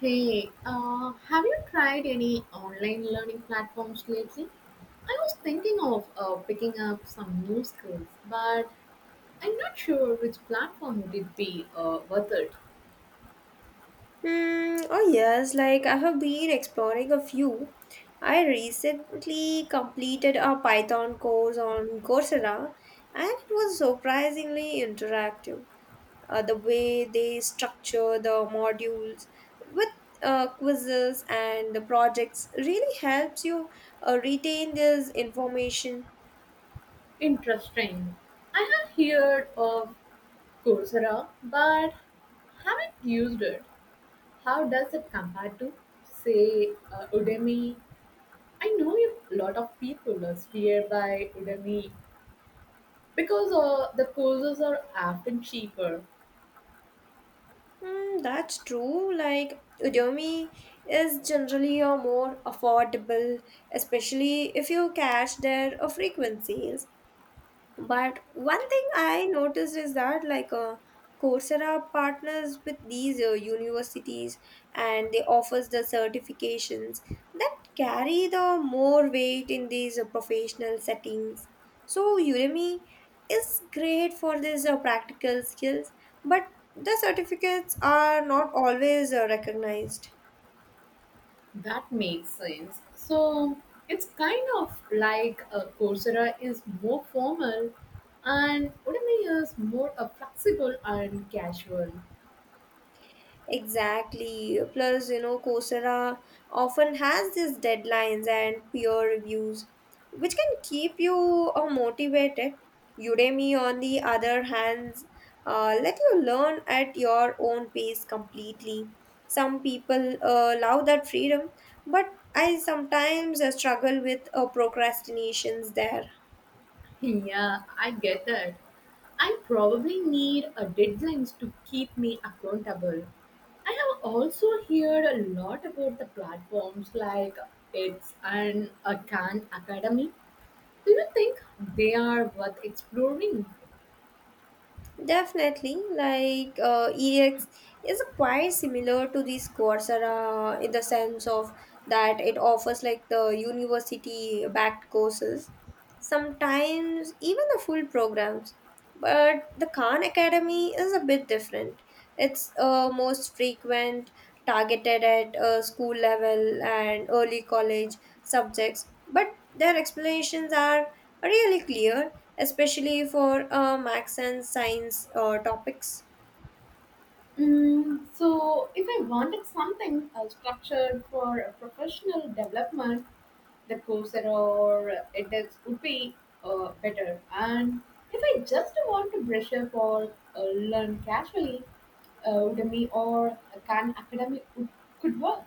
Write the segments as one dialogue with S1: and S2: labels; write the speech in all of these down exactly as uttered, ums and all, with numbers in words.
S1: Hey, uh, have you tried any online learning platforms lately? I was thinking of uh, picking up some new skills, but I'm not sure which platform would be uh, worth it.
S2: Mm, oh yes, like I have been exploring a few. I recently completed a Python course on Coursera, and it was surprisingly interactive. Uh, the way they structure the modules with uh, quizzes and the projects really helps you uh, retain this information.
S1: Interesting. I have heard of Coursera, but haven't used it. How does it compare to, say, uh, Udemy? I know a lot of people are scared by Udemy because uh, the courses are often cheaper.
S2: Mm, that's true. Like Udemy is generally a more affordable, especially if you catch their uh, frequent sales. But one thing I noticed is that like uh, Coursera partners with these uh, universities, and they offers the certifications that carry the more weight in these uh, professional settings. So Udemy is great for these uh, practical skills, but the certificates are not always uh, recognized.
S1: That makes sense. So it's kind of like a Coursera is more formal and Udemy is more uh, flexible and casual.
S2: Exactly. Plus, you know, Coursera often has these deadlines and peer reviews, which can keep you uh, motivated. Udemy, on the other hand, uh, let you learn at your own pace completely. Some people uh, love that freedom, but I sometimes uh, struggle with uh, procrastinations there.
S1: Yeah, I get that. I probably need a deadlines to keep me accountable. I have also heard a lot about the platforms like It's and a Khan Academy. Do you think they are worth exploring?
S2: Definitely, like uh, E X is quite similar to this Coursera in the sense of that it offers like the university backed courses, sometimes even the full programs, but the Khan Academy is a bit different. It's uh, most frequent, targeted at uh, school level and early college subjects, but their explanations are really clear, especially for uh, max and science uh, topics.
S1: Mm, so, if I wanted something uh, structured for a professional development, the Coursera or edX would be uh, better. And if I just want to brush up or uh, learn casually, uh, Udemy or Khan Academy would, could work.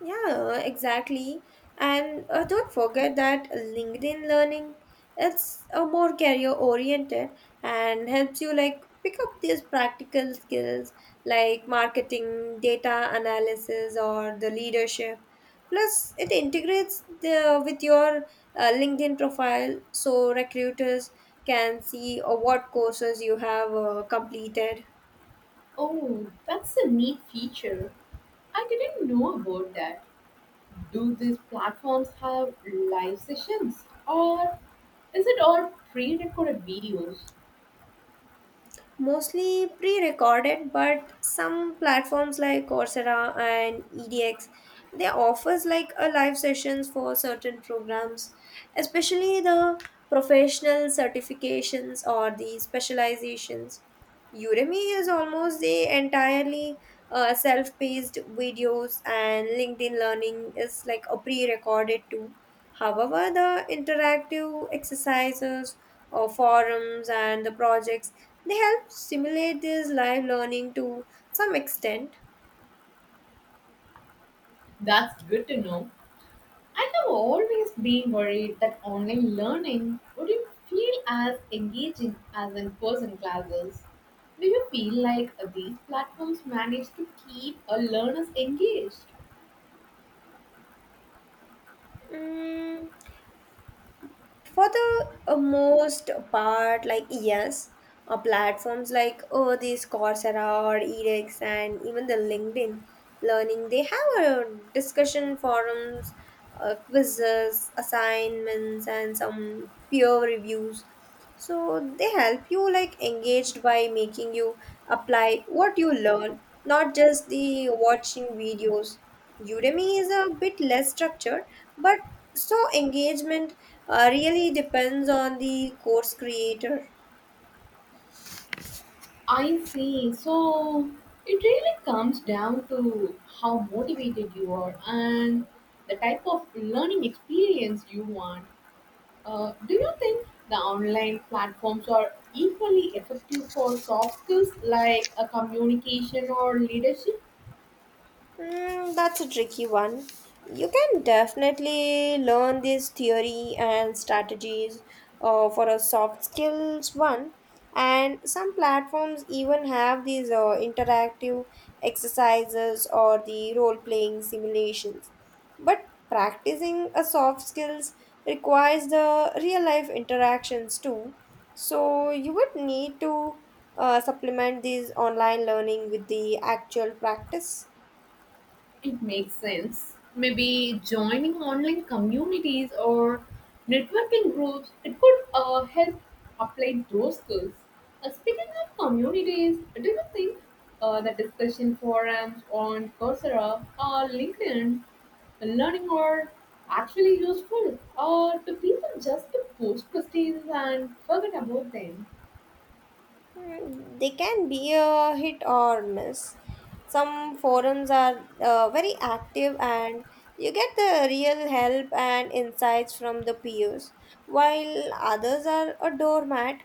S2: Yeah, exactly. And uh, don't forget that LinkedIn Learning, it's a more career oriented and helps you like pick up these practical skills like marketing, data analysis, or the leadership. Plus, it integrates the, with your uh, LinkedIn profile, so recruiters can see uh, what courses you have uh, completed.
S1: Oh, that's a neat feature. I didn't know about that. Do these platforms have live sessions or is it all pre recorded videos?
S2: Mostly pre-recorded, but some platforms like Coursera and edX, they offers like a live sessions for certain programs, especially the professional certifications or the specializations. Udemy is almost the entirely uh, self-paced videos, and LinkedIn Learning is like a pre-recorded too. However, the interactive exercises or forums and the projects, they help simulate this live learning to some extent.
S1: That's good to know. I have always been worried that online learning wouldn't feel as engaging as in person classes. Do you feel like these platforms manage to keep a learners engaged?
S2: Mm, for the uh, most part, like yes, uh, platforms like oh these Coursera or edX and even the LinkedIn Learning, they have a discussion forums, uh, quizzes, assignments, and some peer reviews. So they help you like engaged by making you apply what you learn, not just the watching videos. Udemy is a bit less structured, but so engagement uh, really depends on the course creator.
S1: I see. So it really comes down to how motivated you are and the type of learning experience you want. Uh, do you think the online platforms are equally effective for soft skills like a communication or leadership?
S2: Mm, that's a tricky one. You can definitely learn this theory and strategies uh, for a soft skills one. And some platforms even have these uh, interactive exercises or the role playing simulations. But practicing a soft skills requires the real life interactions too. So you would need to uh, supplement these online learning with the actual practice.
S1: It makes sense. Maybe joining online communities or networking groups, it could uh, help apply those skills. Uh, speaking of communities, do you think uh, the discussion forums on Coursera or LinkedIn uh, learning are actually useful, or do people just post questions and forget about them?
S2: Mm, they can be a hit or miss. Some forums are uh, very active and you get the real help and insights from the peers, while others are a doormat.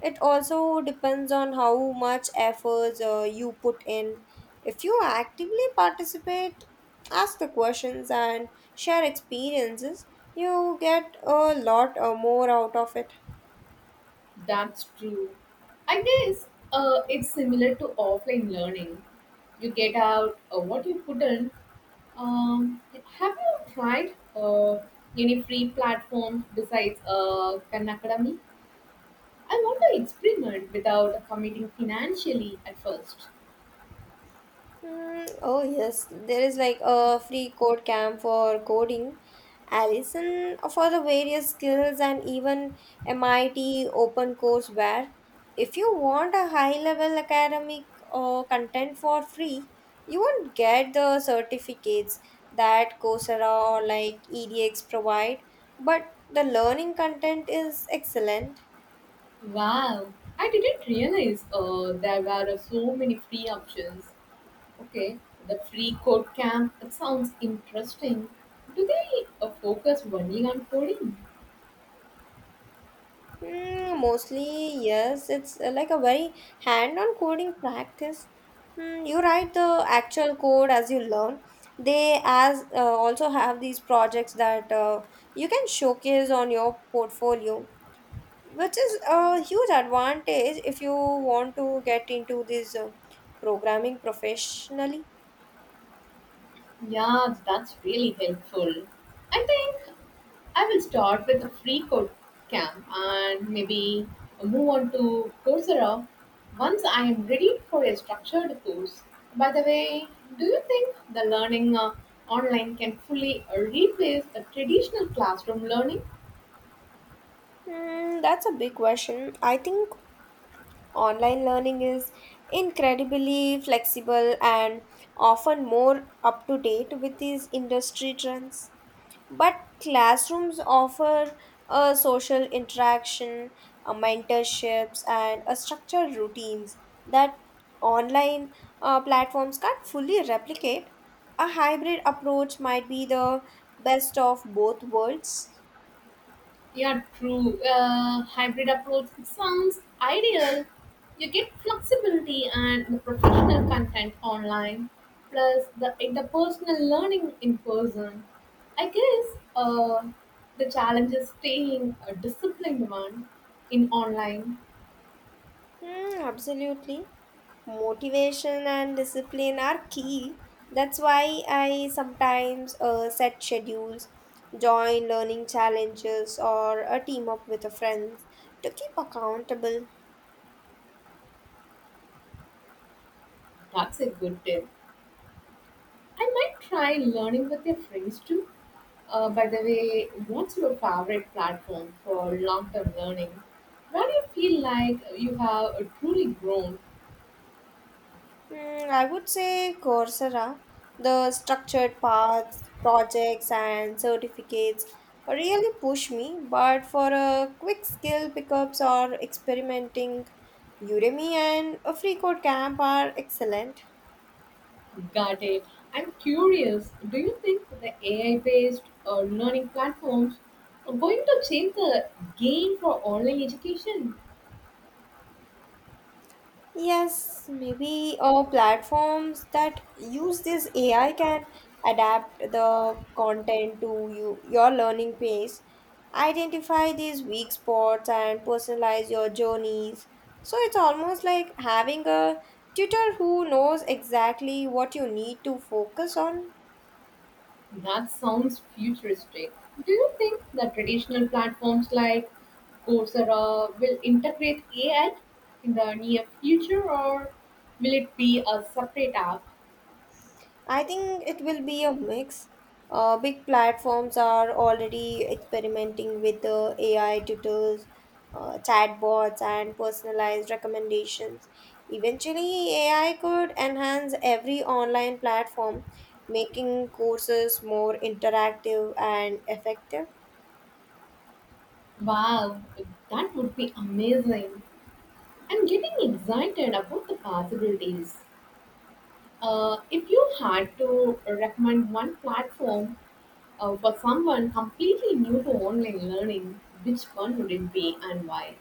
S2: It also depends on how much efforts uh, you put in. If you actively participate, ask the questions, and share experiences, you get a lot uh, more out of it.
S1: That's true. I guess uh, it's similar to offline learning. You get out uh, what you put in. Um, have you tried uh, any free platform besides uh, Khan Academy? I want to experiment without committing financially at first.
S2: Mm, oh yes, there is like a free code camp for coding, Allison for the various skills, and even M I T open course. Where if you want a high level academic or content for free, you won't get the certificates that Coursera or like E D X provide, but the learning content is excellent.
S1: Wow, I didn't realize uh, there were so many free options. Okay, the free code camp, that sounds interesting. Do they uh, focus only on coding?
S2: Mm, mostly, yes. It's uh, like a very hand-on coding practice. Mm, you write the actual code as you learn. They as uh, also have these projects that uh, you can showcase on your portfolio, which is a huge advantage if you want to get into this uh, programming professionally.
S1: Yeah, that's really helpful. I think I will start with the free code camp and maybe move on to Coursera once I am ready for a structured course. By the way, do you think the learning uh, online can fully uh, replace the traditional classroom learning?
S2: Mm, that's a big question. I think online learning is incredibly flexible and often more up to date with these industry trends. But classrooms offer a social interaction, a mentorships, and a structured routines that online uh, platforms can't fully replicate. A hybrid approach might be the best of both worlds.
S1: Yeah, true. Uh, hybrid approach sounds ideal. You get flexibility and the professional content online, plus the interpersonal learning in person. I guess uh, the challenge is staying a disciplined one in online.
S2: Hmm, absolutely. Motivation and discipline are key. That's why I sometimes uh, set schedules, join learning challenges, or a team up with a friend to keep accountable.
S1: That's a good tip. I might try learning with your friends too. Uh, by the way, what's your favorite platform for long term learning? Where do you feel like you have truly grown?
S2: Hmm, I would say Coursera, the structured paths, projects, and certificates really push me, but for a quick skill pickups or experimenting, Udemy and a free code camp are excellent.
S1: Got it. I'm curious, do you think the A I based uh, learning platforms are going to change the game for online education?
S2: Yes, maybe uh, platforms that use this A I can adapt the content to you, your learning pace, identify these weak spots, and personalize your journeys. So it's almost like having a tutor who knows exactly what you need to focus on.
S1: That sounds futuristic. Do you think the traditional platforms like Coursera will integrate A I in the near future, or will it be a separate app?
S2: I think it will be a mix. Uh, big platforms are already experimenting with uh, A I tutors, uh, chatbots, and personalized recommendations. Eventually, A I could enhance every online platform, making courses more interactive and effective.
S1: Wow, that would be amazing. I'm getting excited about the possibilities. Uh, if you had to recommend one platform uh, for someone completely new to online learning, which one would it be and why?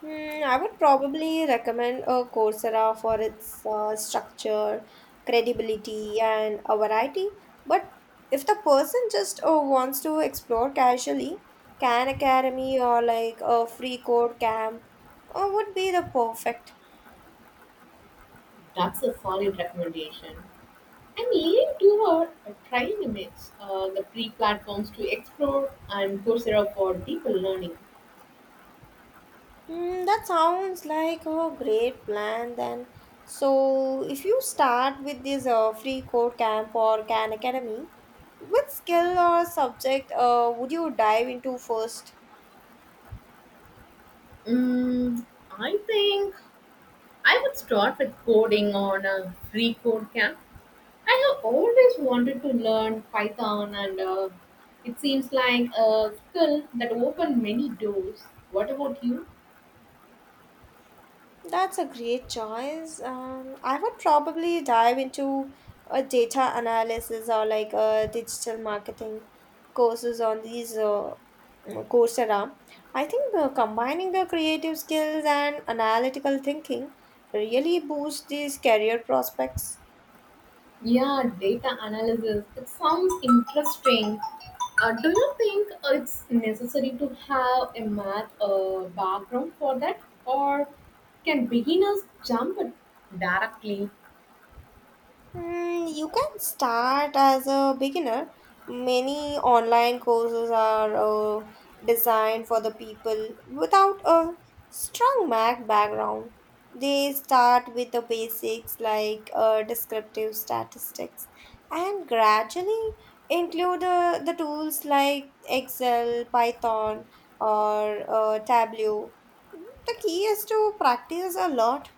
S2: Hmm, I would probably recommend a Coursera for its uh, structure, credibility, and a variety. But if the person just uh, wants to explore casually, Khan Academy or like a free code camp uh, would be the perfect.
S1: That's a solid recommendation. I'm leaning toward trying to mix uh, the free platforms to explore and Coursera for deeper learning.
S2: Hmm, that sounds like a great plan then. So if you start with this uh, free code camp or Khan Academy, which skill or subject uh, would you dive into first?
S1: Mm, I think I would start with coding on a free code camp. I have always wanted to learn Python, and uh, it seems like a skill that opened many doors. What about you?
S2: That's a great choice. Um, I would probably dive into a data analysis or like a digital marketing courses on these uh, mm, Coursera. I think uh, combining the creative skills and analytical thinking really boosts these career prospects.
S1: Yeah, data analysis. It sounds interesting. Uh, do you think it's necessary to have a math uh, background for that, or can beginners jump directly?
S2: Mm, you can start as a beginner. Many online courses are uh, designed for the people without a strong Mac background. They start with the basics like uh, descriptive statistics and gradually include uh, the tools like Excel, Python, or uh, Tableau. The key is to practice a lot.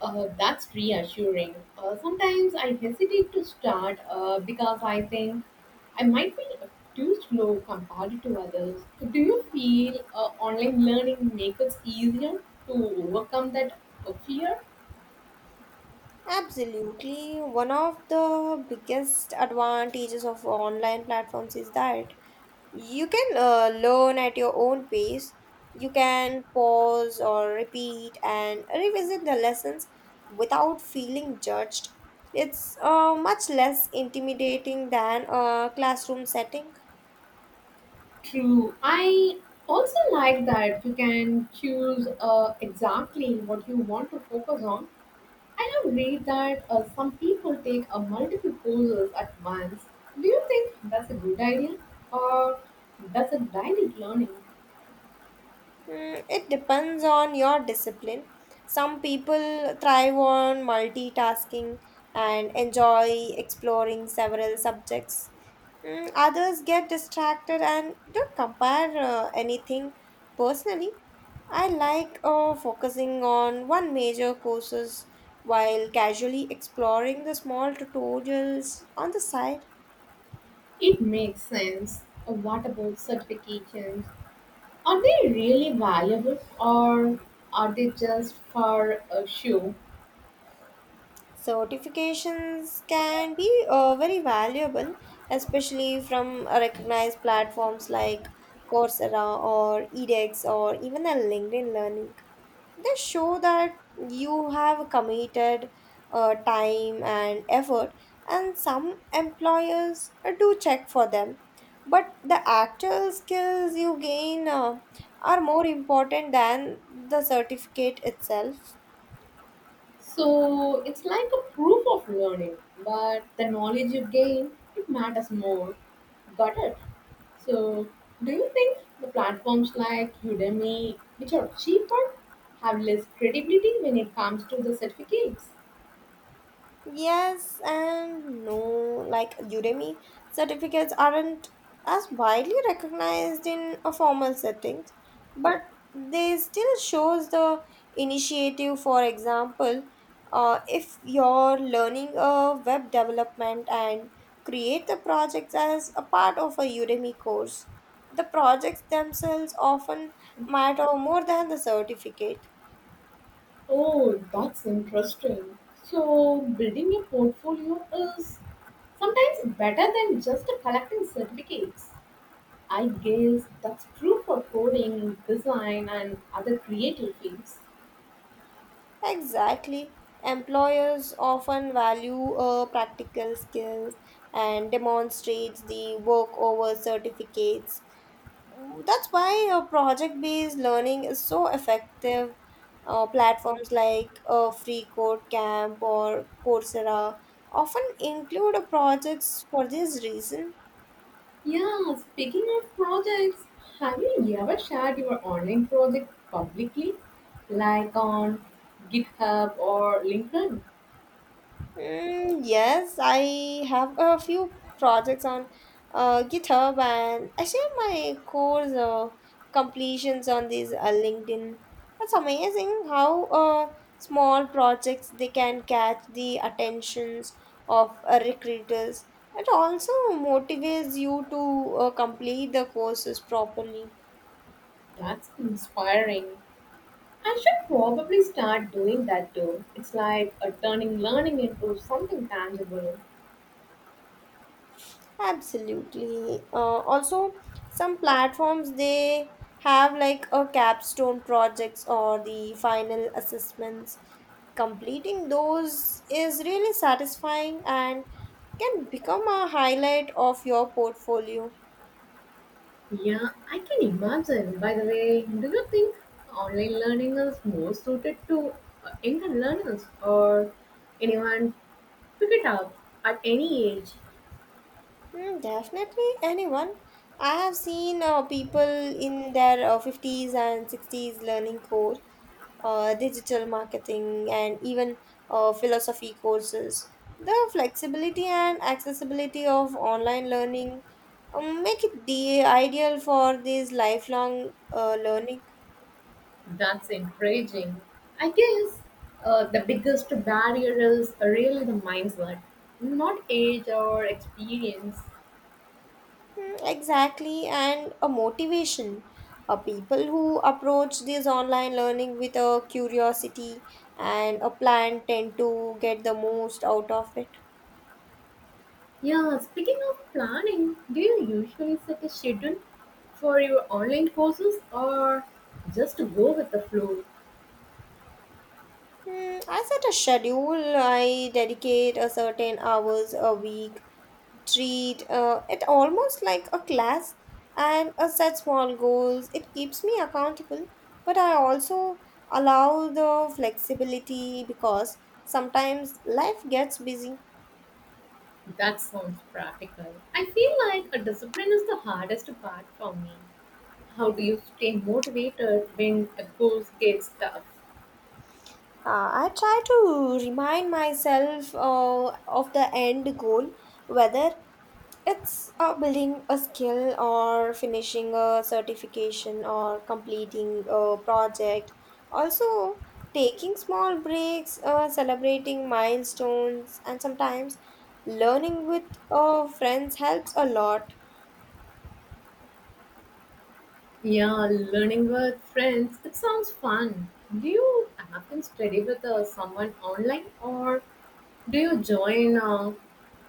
S1: Uh, that's reassuring. Uh, sometimes I hesitate to start uh, because I think I might be too slow compared to others. Do you feel uh, online learning makes it easier to overcome that uh, fear?
S2: Absolutely. One of the biggest advantages of online platforms is that you can uh, learn at your own pace. You can pause or repeat and revisit the lessons without feeling judged. It's uh, much less intimidating than a classroom setting.
S1: True. I also like that you can choose uh, exactly what you want to focus on. I have read that uh, some people take uh, multiple courses at once. Do you think that's a good idea or does it dilute learning?
S2: Mm, it depends on your discipline. Some people thrive on multitasking and enjoy exploring several subjects. Mm, others get distracted and don't compare uh, anything personally. I like uh, focusing on one major courses while casually exploring the small tutorials on the side.
S1: It makes sense. Uh, What about certifications? Are they really valuable or are they just for a show?
S2: Certifications can be uh, very valuable, especially from uh, recognized platforms like Coursera or edX or even a LinkedIn Learning. They show that you have committed uh, time and effort, and some employers uh, do check for them. But the actual skills you gain uh, are more important than the certificate itself.
S1: So it's like a proof of learning, but the knowledge you gain, it matters more. Got it? So do you think the platforms like Udemy, which are cheaper, have less credibility when it comes to the certificates?
S2: Yes and no, like Udemy certificates aren't as widely recognized in a formal settings, but they still shows the initiative. For example, uh, if you're learning a web development and create the projects as a part of a Udemy course, the projects themselves often matter more than the certificate.
S1: Oh, that's interesting. So building a portfolio is sometimes better than just collecting certificates. I guess that's true for coding, design, and other creative fields.
S2: Exactly. Employers often value uh, practical skills and demonstrates the work over certificates. That's why uh, project-based learning is so effective. Uh, platforms like uh, Free Code Camp or Coursera often include uh, projects for this reason.
S1: Yeah, speaking of projects, have you ever shared your online project publicly, like on GitHub or LinkedIn?
S2: Mm, yes, I have a few projects on uh, GitHub, and I share my course uh, completions on these uh, LinkedIn. That's amazing how uh, small projects they can catch the attentions of uh, recruiters. It also motivates you to uh, complete the courses properly.
S1: That's inspiring. I should probably start doing that too. It's like a turning learning into something tangible.
S2: Absolutely. Uh, also, some platforms they have like a capstone projects or the final assessments. Completing those is really satisfying and can become a highlight of your portfolio.
S1: Yeah, I can imagine. By the way, do you think online learning is more suited to uh, younger learners or anyone pick it up at any age?
S2: Mm, definitely, anyone. I have seen uh, people in their uh, fifties and sixties learning code, uh, digital marketing, and even uh, philosophy courses. The flexibility and accessibility of online learning um, make it the ideal for this lifelong uh, learning.
S1: That's encouraging. I guess uh, the biggest barrier is really the mindset, not age or experience.
S2: Mm, exactly, and a motivation. Uh, people who approach this online learning with a curiosity and a plan tend to get the most out of it.
S1: Yeah, speaking of planning, do you usually set a schedule for your online courses or just to go with the flow?
S2: Hmm, I set a schedule. I dedicate a certain hours a week, treat uh, it almost like a class, and I set small goals. It keeps me accountable, but I also allow the flexibility because sometimes life gets busy.
S1: That sounds practical. I feel like a discipline is the hardest part for me. How do you stay motivated when a course gets tough?
S2: Uh, I try to remind myself uh, of the end goal, whether it's uh, building a skill or finishing a certification or completing a project. Also, taking small breaks, uh, celebrating milestones, and sometimes learning with uh, friends helps a lot.
S1: Yeah, learning with friends. It sounds fun. Do you often study with uh, someone online or do you join uh,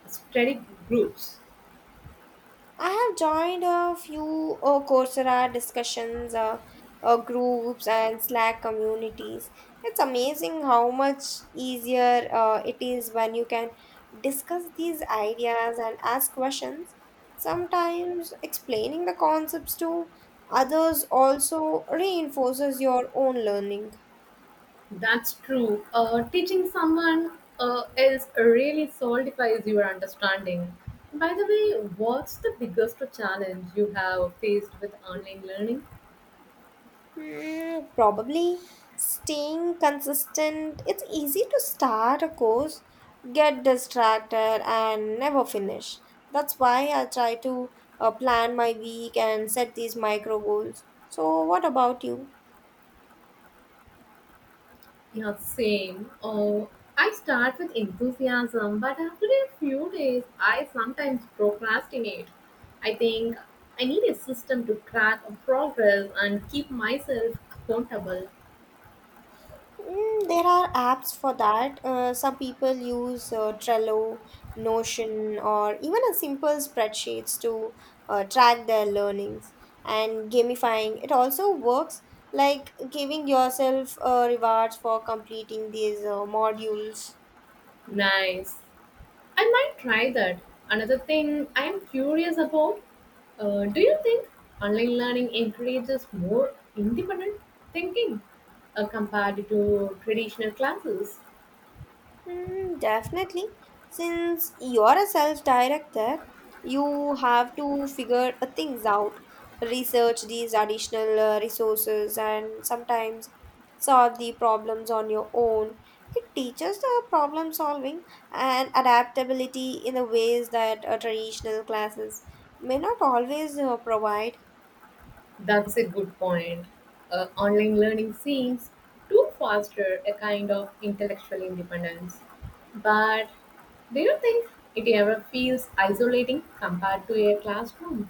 S1: study groups?
S2: I have joined a few uh, Coursera discussions, uh, uh, groups, and Slack communities. It's amazing how much easier uh, it is when you can discuss these ideas and ask questions. Sometimes explaining the concepts to others also reinforces your own learning.
S1: That's true. Uh, teaching someone uh, else really solidifies your understanding. By the way, what's the biggest challenge you have faced with online learning?
S2: Hmm, probably staying consistent. It's easy to start a course, get distracted, and never finish. That's why I try to uh, plan my week and set these micro goals. So, what about you?
S1: Yeah, same. Oh, I start with enthusiasm, but after a few days, I sometimes procrastinate. I think I need a system to track progress and keep myself accountable.
S2: Mm, there are apps for that. Uh, some people use uh, Trello, Notion, or even a simple spreadsheets to uh, track their learnings. And gamifying, it also works like giving yourself uh, rewards for completing these uh, modules.
S1: Nice. I might try that. Another thing I am curious about, uh, do you think online learning encourages more independent thinking uh, compared to traditional classes?
S2: Mm, definitely. Since you're a self-director, you have to figure uh, things out, research these additional uh, resources, and sometimes solve the problems on your own. It teaches the problem solving and adaptability in the ways that uh, traditional classes may not always uh, provide.
S1: That's a good point. Uh, online learning seems to foster a kind of intellectual independence. But do you think it ever feels isolating compared to a classroom?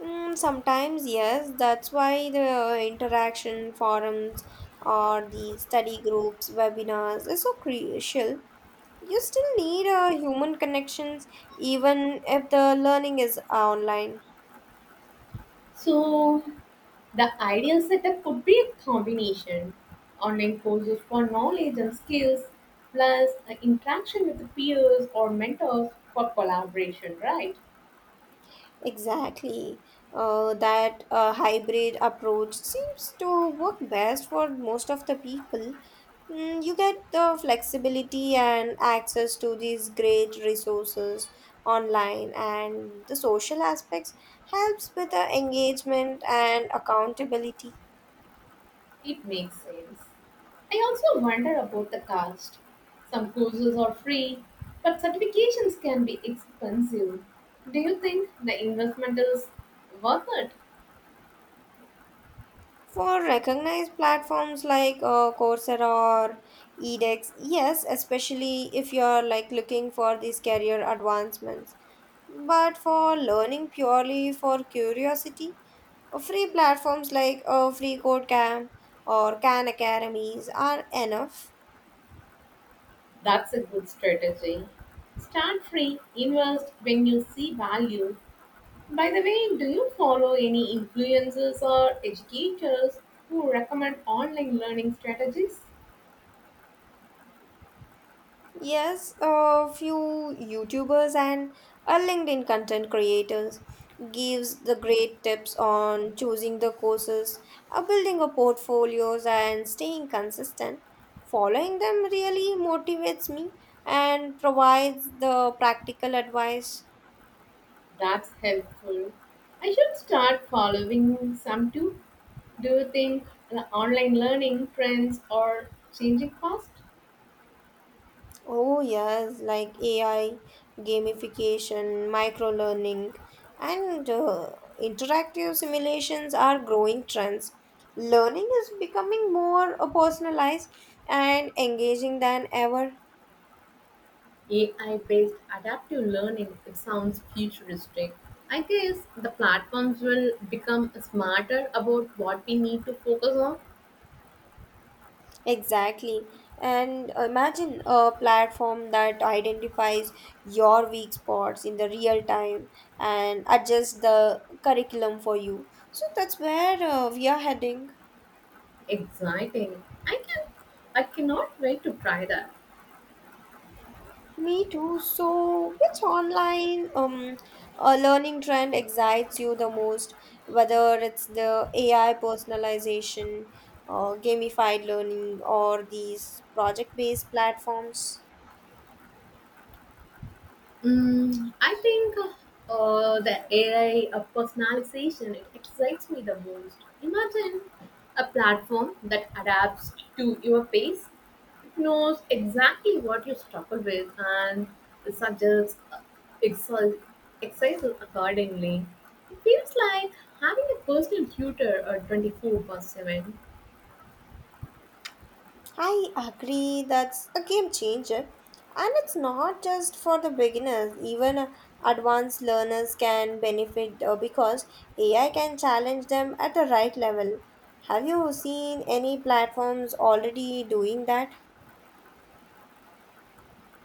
S2: Mm, sometimes, yes. That's why the interaction forums or the study groups, webinars is so crucial. You still need uh, human connections even if the learning is online.
S1: So, the ideal setup could be a combination online courses for knowledge and skills, plus an interaction with the peers or mentors for collaboration, right?
S2: Exactly. Uh, that uh, hybrid approach seems to work best for most of the people. Mm, you get the flexibility and access to these great resources online, and the social aspects helps with the engagement and accountability
S1: It makes sense. I also wonder about the cost. Some courses are free, but certifications can be expensive. Do you think the investment is worth it?
S2: for recognized platforms like uh, Coursera or edX, yes, especially if you're like looking for these career advancements. But for learning purely for curiosity, uh, free platforms like uh, Free Code Camp or Khan Academies are enough.
S1: That's a good strategy. Start free, invest when you see value. By the way, do you follow any influencers or educators who recommend online learning strategies?
S2: Yes, a few YouTubers and a LinkedIn content creators gives the great tips on choosing the courses, uh, building a portfolios and staying consistent. Following them really motivates me and provides the practical advice.
S1: That's helpful. I should start following some too. Do you think the online learning trends are changing fast?
S2: Oh, yes, like A I, gamification, micro learning, and uh, interactive simulations are growing trends. Learning is becoming more uh, personalized and engaging than ever.
S1: A I based adaptive learning, it sounds futuristic. I guess the platforms will become smarter about what we need to focus on.
S2: Exactly. And imagine a platform that identifies your weak spots in the real time and adjusts the curriculum for you. So that's where uh, we are heading.
S1: Exciting. I can I cannot wait to try that.
S2: Me too. So, which online um uh, learning trend excites you the most? Whether it's the A I personalization, uh, gamified learning, or these project-based platforms?
S1: Mm, I think uh, the A I of personalization it excites me the most. Imagine a platform that adapts to your pace, knows exactly what you struggle with and suggests exer- exercises accordingly. It feels like having a personal tutor uh, twenty four seven.
S2: I agree, that's a game changer. And it's not just for the beginners, even uh, advanced learners can benefit uh, because A I can challenge them at the right level. Have you seen any platforms already doing that?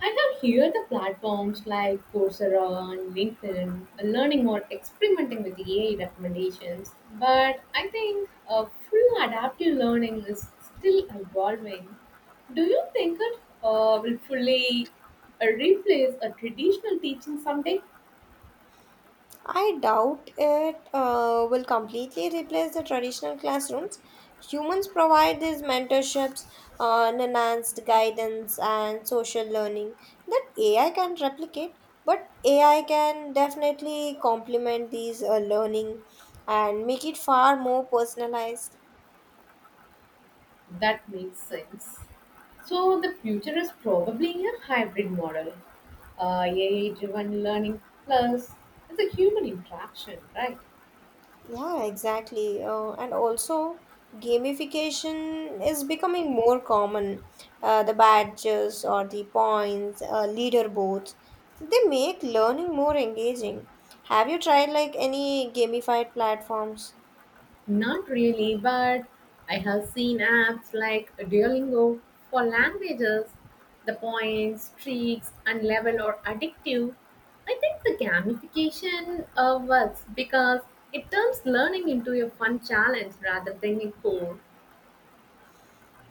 S1: I have here the platforms like Coursera and LinkedIn uh, learning or experimenting with A I recommendations, but I think uh, full adaptive learning is still evolving. Do you think it uh, will fully uh, replace a traditional teaching someday?
S2: I doubt it uh, will completely replace the traditional classrooms. Humans provide these mentorships, uh, enhanced guidance, and social learning that A I can replicate, but A I can definitely complement these uh, learning and make it far more personalized.
S1: That makes sense. So the future is probably a hybrid model. Uh, A I-driven learning plus it's a human interaction, right?
S2: Yeah, exactly. Uh, and also, gamification is becoming more common. Uh, the badges or the points, uh, leaderboards, they make learning more engaging. Have you tried like any gamified platforms?
S1: Not really, but I have seen apps like Duolingo for languages. The points, streaks, and level are addictive. I think the gamification uh, works because it turns learning into a fun challenge rather than a chore.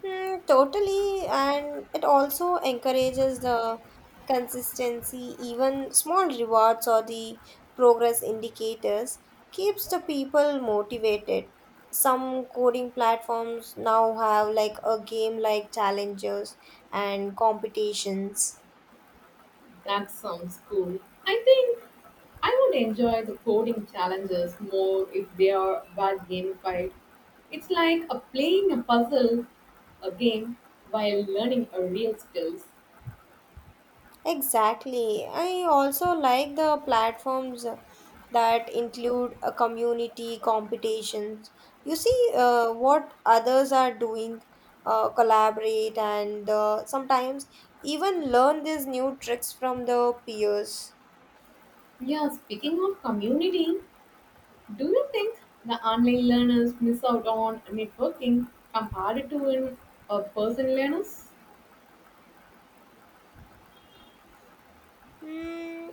S2: Mm, totally, and it also encourages the consistency, even small rewards or the progress indicators keeps the people motivated. Some coding platforms now have like a game like challenges and competitions.
S1: That sounds cool. I think I would enjoy the coding challenges more if they are well gamified. It's like a playing a puzzle, a game, while learning a real skills.
S2: Exactly. I also like the platforms that include a community competitions. You see uh, what others are doing, uh, collaborate, and uh, sometimes even learn these new tricks from the peers.
S1: Yeah, speaking of community, do you think the online learners miss out on networking compared to in a person learners?
S2: Hmm,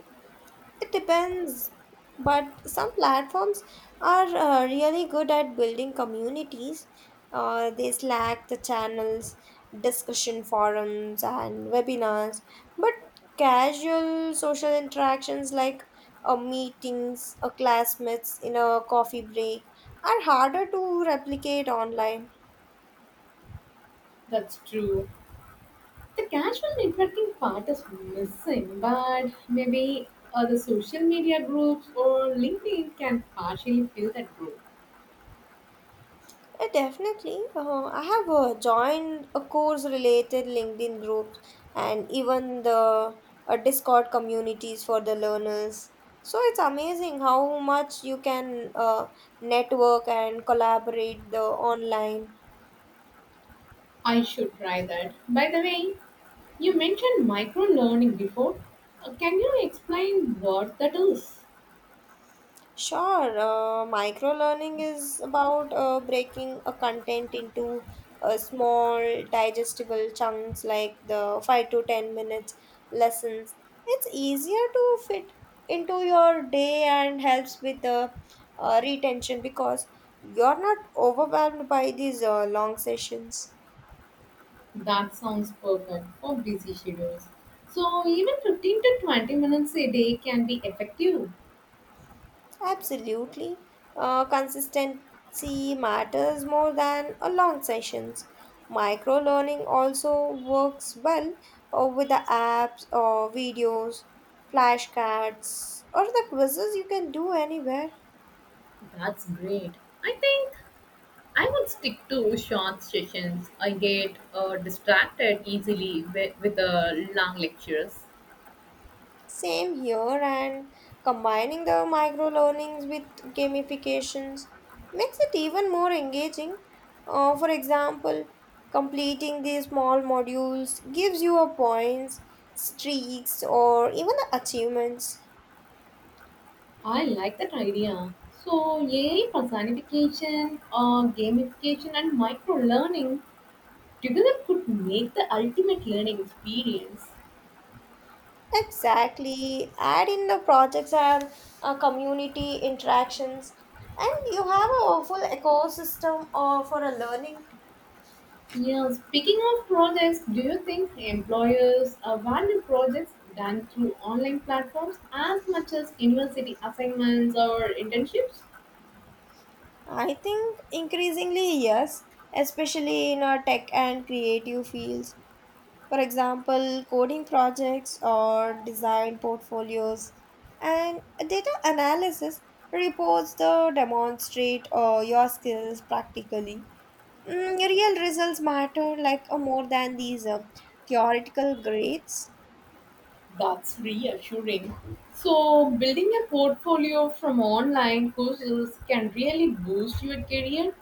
S2: it depends, but some platforms are uh, really good at building communities. Uh, they Slack, the channels, discussion forums, and webinars. But casual social interactions like uh, meetings, uh, classmates in a coffee break are harder to replicate online.
S1: That's true. The casual networking part is missing, but maybe uh, the social media groups or LinkedIn can partially fill that group.
S2: Uh, definitely. Uh, I have uh, joined a course related LinkedIn groups and even the uh, Discord communities for the learners. So it's amazing how much you can uh, network and collaborate the online.
S1: I should try that. By the way, you mentioned micro learning before. Uh, can you explain what that is?
S2: Sure, uh, micro learning is about uh, breaking a content into uh, small digestible chunks like the five to ten minutes lessons. It's easier to fit into your day and helps with the uh, retention because you're not overwhelmed by these uh, long sessions.
S1: That sounds perfect for busy schedules. So, even fifteen to twenty minutes a day can be effective.
S2: Absolutely. Uh, consistency matters more than a long sessions. Micro learning also works well uh, with the apps or videos, flashcards, or the quizzes you can do anywhere.
S1: That's great. I think I would stick to short sessions. I get uh, distracted easily with, with uh, long lectures.
S2: Same here, and combining the micro learnings with gamifications makes it even more engaging. Uh, for example, completing these small modules gives you a points, streaks, or even achievements.
S1: I like that idea. So, A I personification, uh, gamification, and micro learning together could make the ultimate learning experience.
S2: Exactly. Add in the projects and uh, community interactions, and you have a full ecosystem uh, for a learning.
S1: Yeah, speaking of projects, do you think employers abandon projects done through online platforms as much as university assignments or internships?
S2: I think increasingly, yes, especially in our tech and creative fields. For example, coding projects or design portfolios and data analysis reports the demonstrate uh, your skills practically. Mm, real results matter like uh, more than these uh, theoretical grades.
S1: That's reassuring. So, building a portfolio from online courses can really boost your career.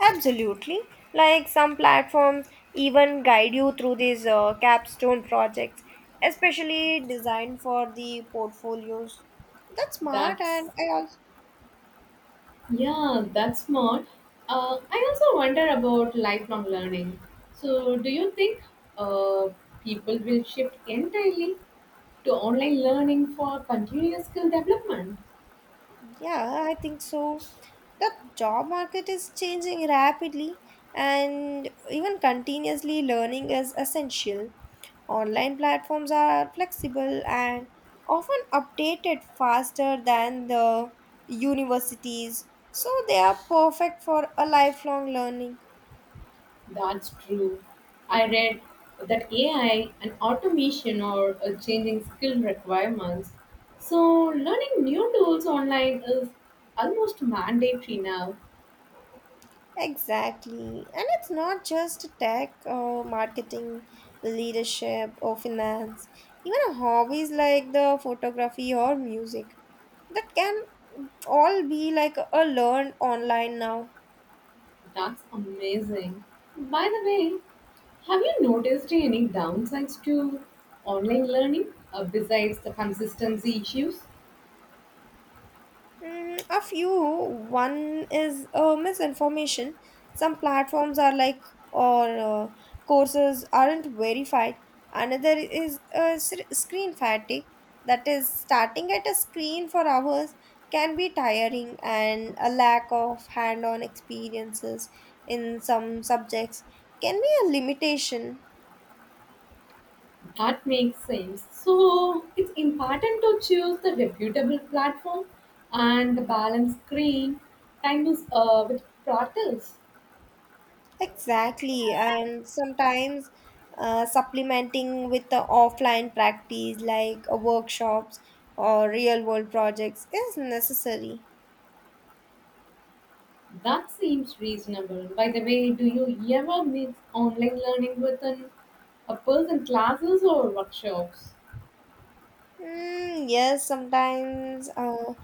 S2: Absolutely. Like some platforms even guide you through these uh, capstone projects, especially designed for the portfolios. That's smart,
S1: That's
S2: and I also.
S1: yeah, that's smart. Uh, I also wonder about lifelong learning. So, do you think uh, people will shift entirely to online learning for continuous skill development?
S2: Yeah, I think so. The job market is changing rapidly, and even continuously learning is essential. Online platforms are flexible and often updated faster than the universities, so they are perfect for a lifelong learning.
S1: That's true. I read that A I and automation are uh, changing skill requirements. So, learning new tools online is almost mandatory now.
S2: Exactly. And it's not just tech or marketing, leadership or finance. Even hobbies like the photography or music that can all be like a learned online now.
S1: That's amazing. By the way, have you noticed any downsides to online learning uh, besides the consistency issues?
S2: Mm, a few. One is uh, misinformation. Some platforms are like, or uh, courses aren't verified. Another is uh, sc- screen fatigue. That is starting at a screen for hours can be tiring, and a lack of hand-on experiences in some subjects can be a limitation.
S1: That makes sense. So it's important to choose the reputable platform and the balance screen time is uh, with portals.
S2: Exactly, and sometimes uh, supplementing with the offline practice like uh, workshops or real world projects is necessary.
S1: That seems reasonable. By the way, do you ever mix online learning with an, a person classes or workshops?
S2: Mm, yes, sometimes uh,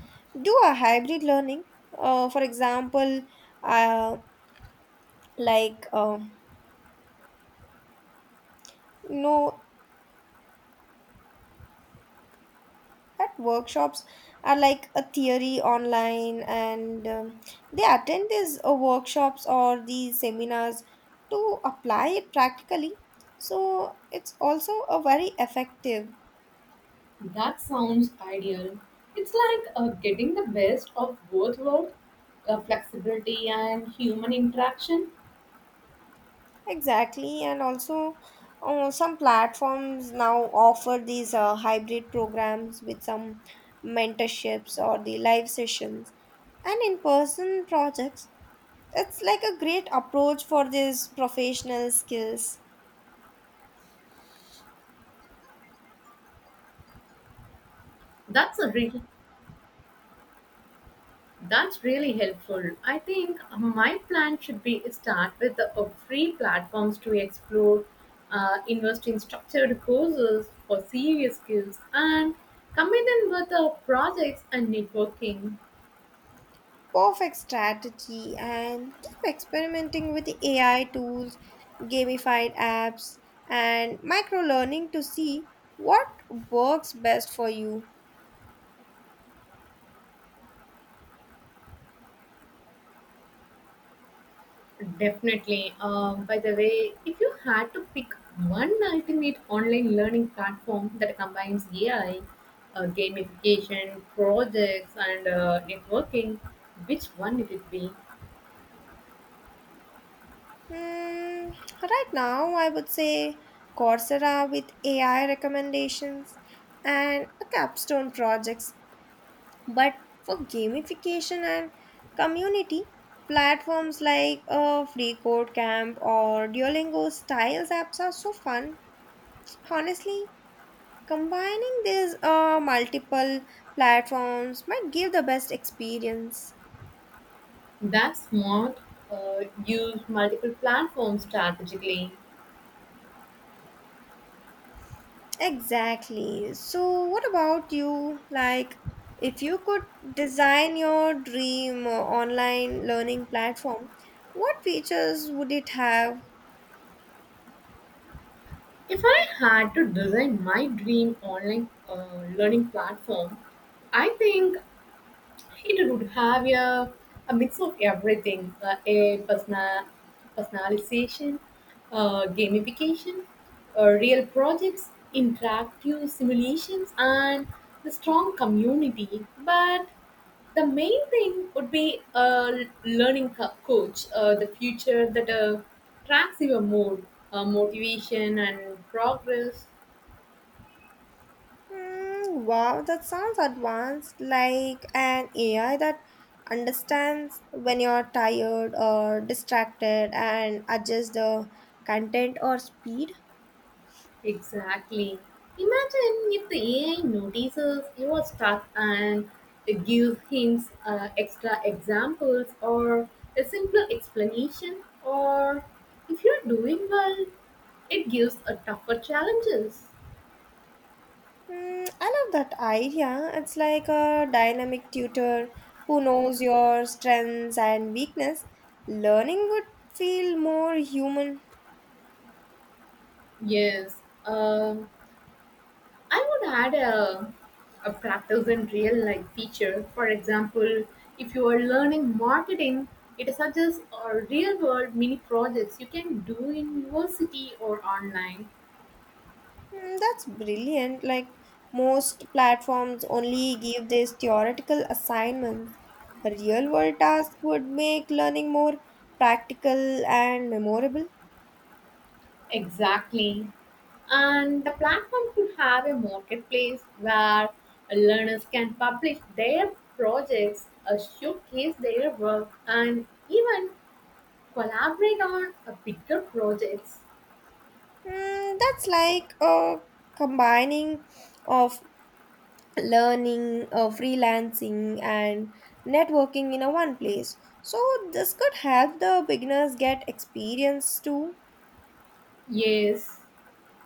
S2: do a hybrid learning. Uh, for example, uh, like uh, you know that workshops are like a theory online, and um, they attend these uh, workshops or these seminars to apply it practically, so it's also a very effective.
S1: That sounds ideal. It's like uh, getting the best of both worlds, uh, flexibility and human interaction.
S2: Exactly, and also uh, some platforms now offer these uh, hybrid programs with some mentorships or the live sessions and in-person projects. It's like a great approach for these professional skills.
S1: That's a real That's really helpful. I think my plan should be start with the uh, free platforms to explore, uh, invest in structured courses for serious skills, and combine them with uh, projects and networking.
S2: Perfect strategy, and keep experimenting with A I tools, gamified apps, and micro learning to see what works best for you.
S1: Definitely. Um, by the way, if you had to pick one ultimate online learning platform that combines A I, uh, gamification, projects, and uh, networking, which one it would be?
S2: Hmm, right now, I would say Coursera with A I recommendations and a capstone projects. But for gamification and community, platforms like uh, Free Code Camp or Duolingo styles apps are so fun. Honestly, combining these uh, multiple platforms might give the best experience.
S1: That's smart. Uh, use multiple platforms strategically.
S2: Exactly. So, what about you? Like, if you could design your dream uh, online learning platform, what features would it have?
S1: If I had to design my dream online uh, learning platform, I think it would have a, a mix of everything uh, a personal, personalization, uh, gamification, uh, real projects, interactive simulations, and the strong community. But the main thing would be a learning co- coach, uh, the future that uh, tracks your mood, uh, motivation, and progress.
S2: Hmm, wow, that sounds advanced, like an A I that understands when you're tired or distracted and adjusts the content or speed.
S1: Exactly. Imagine if the A I notices you are stuck and it gives hints, uh, extra examples, or a simpler explanation, or if you're doing well, it gives a tougher challenges.
S2: Mm, I love that idea. It's like a dynamic tutor who knows your strengths and weakness. Learning would feel more human.
S1: Yes. Um I would add a, a practice in real life feature. For example, if you are learning marketing, it suggests or real world mini projects you can do in university or online.
S2: Mm, that's brilliant. Like most platforms only give these theoretical assignments. A real world task would make learning more practical and memorable.
S1: Exactly. And the platform could have a marketplace where learners can publish their projects, uh, showcase their work, and even collaborate on uh, bigger projects.
S2: Mm, that's like a combining of learning, uh, freelancing, and networking in a one place. So this could help the beginners get experience too.
S1: Yes,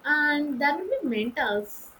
S1: and there will be mentors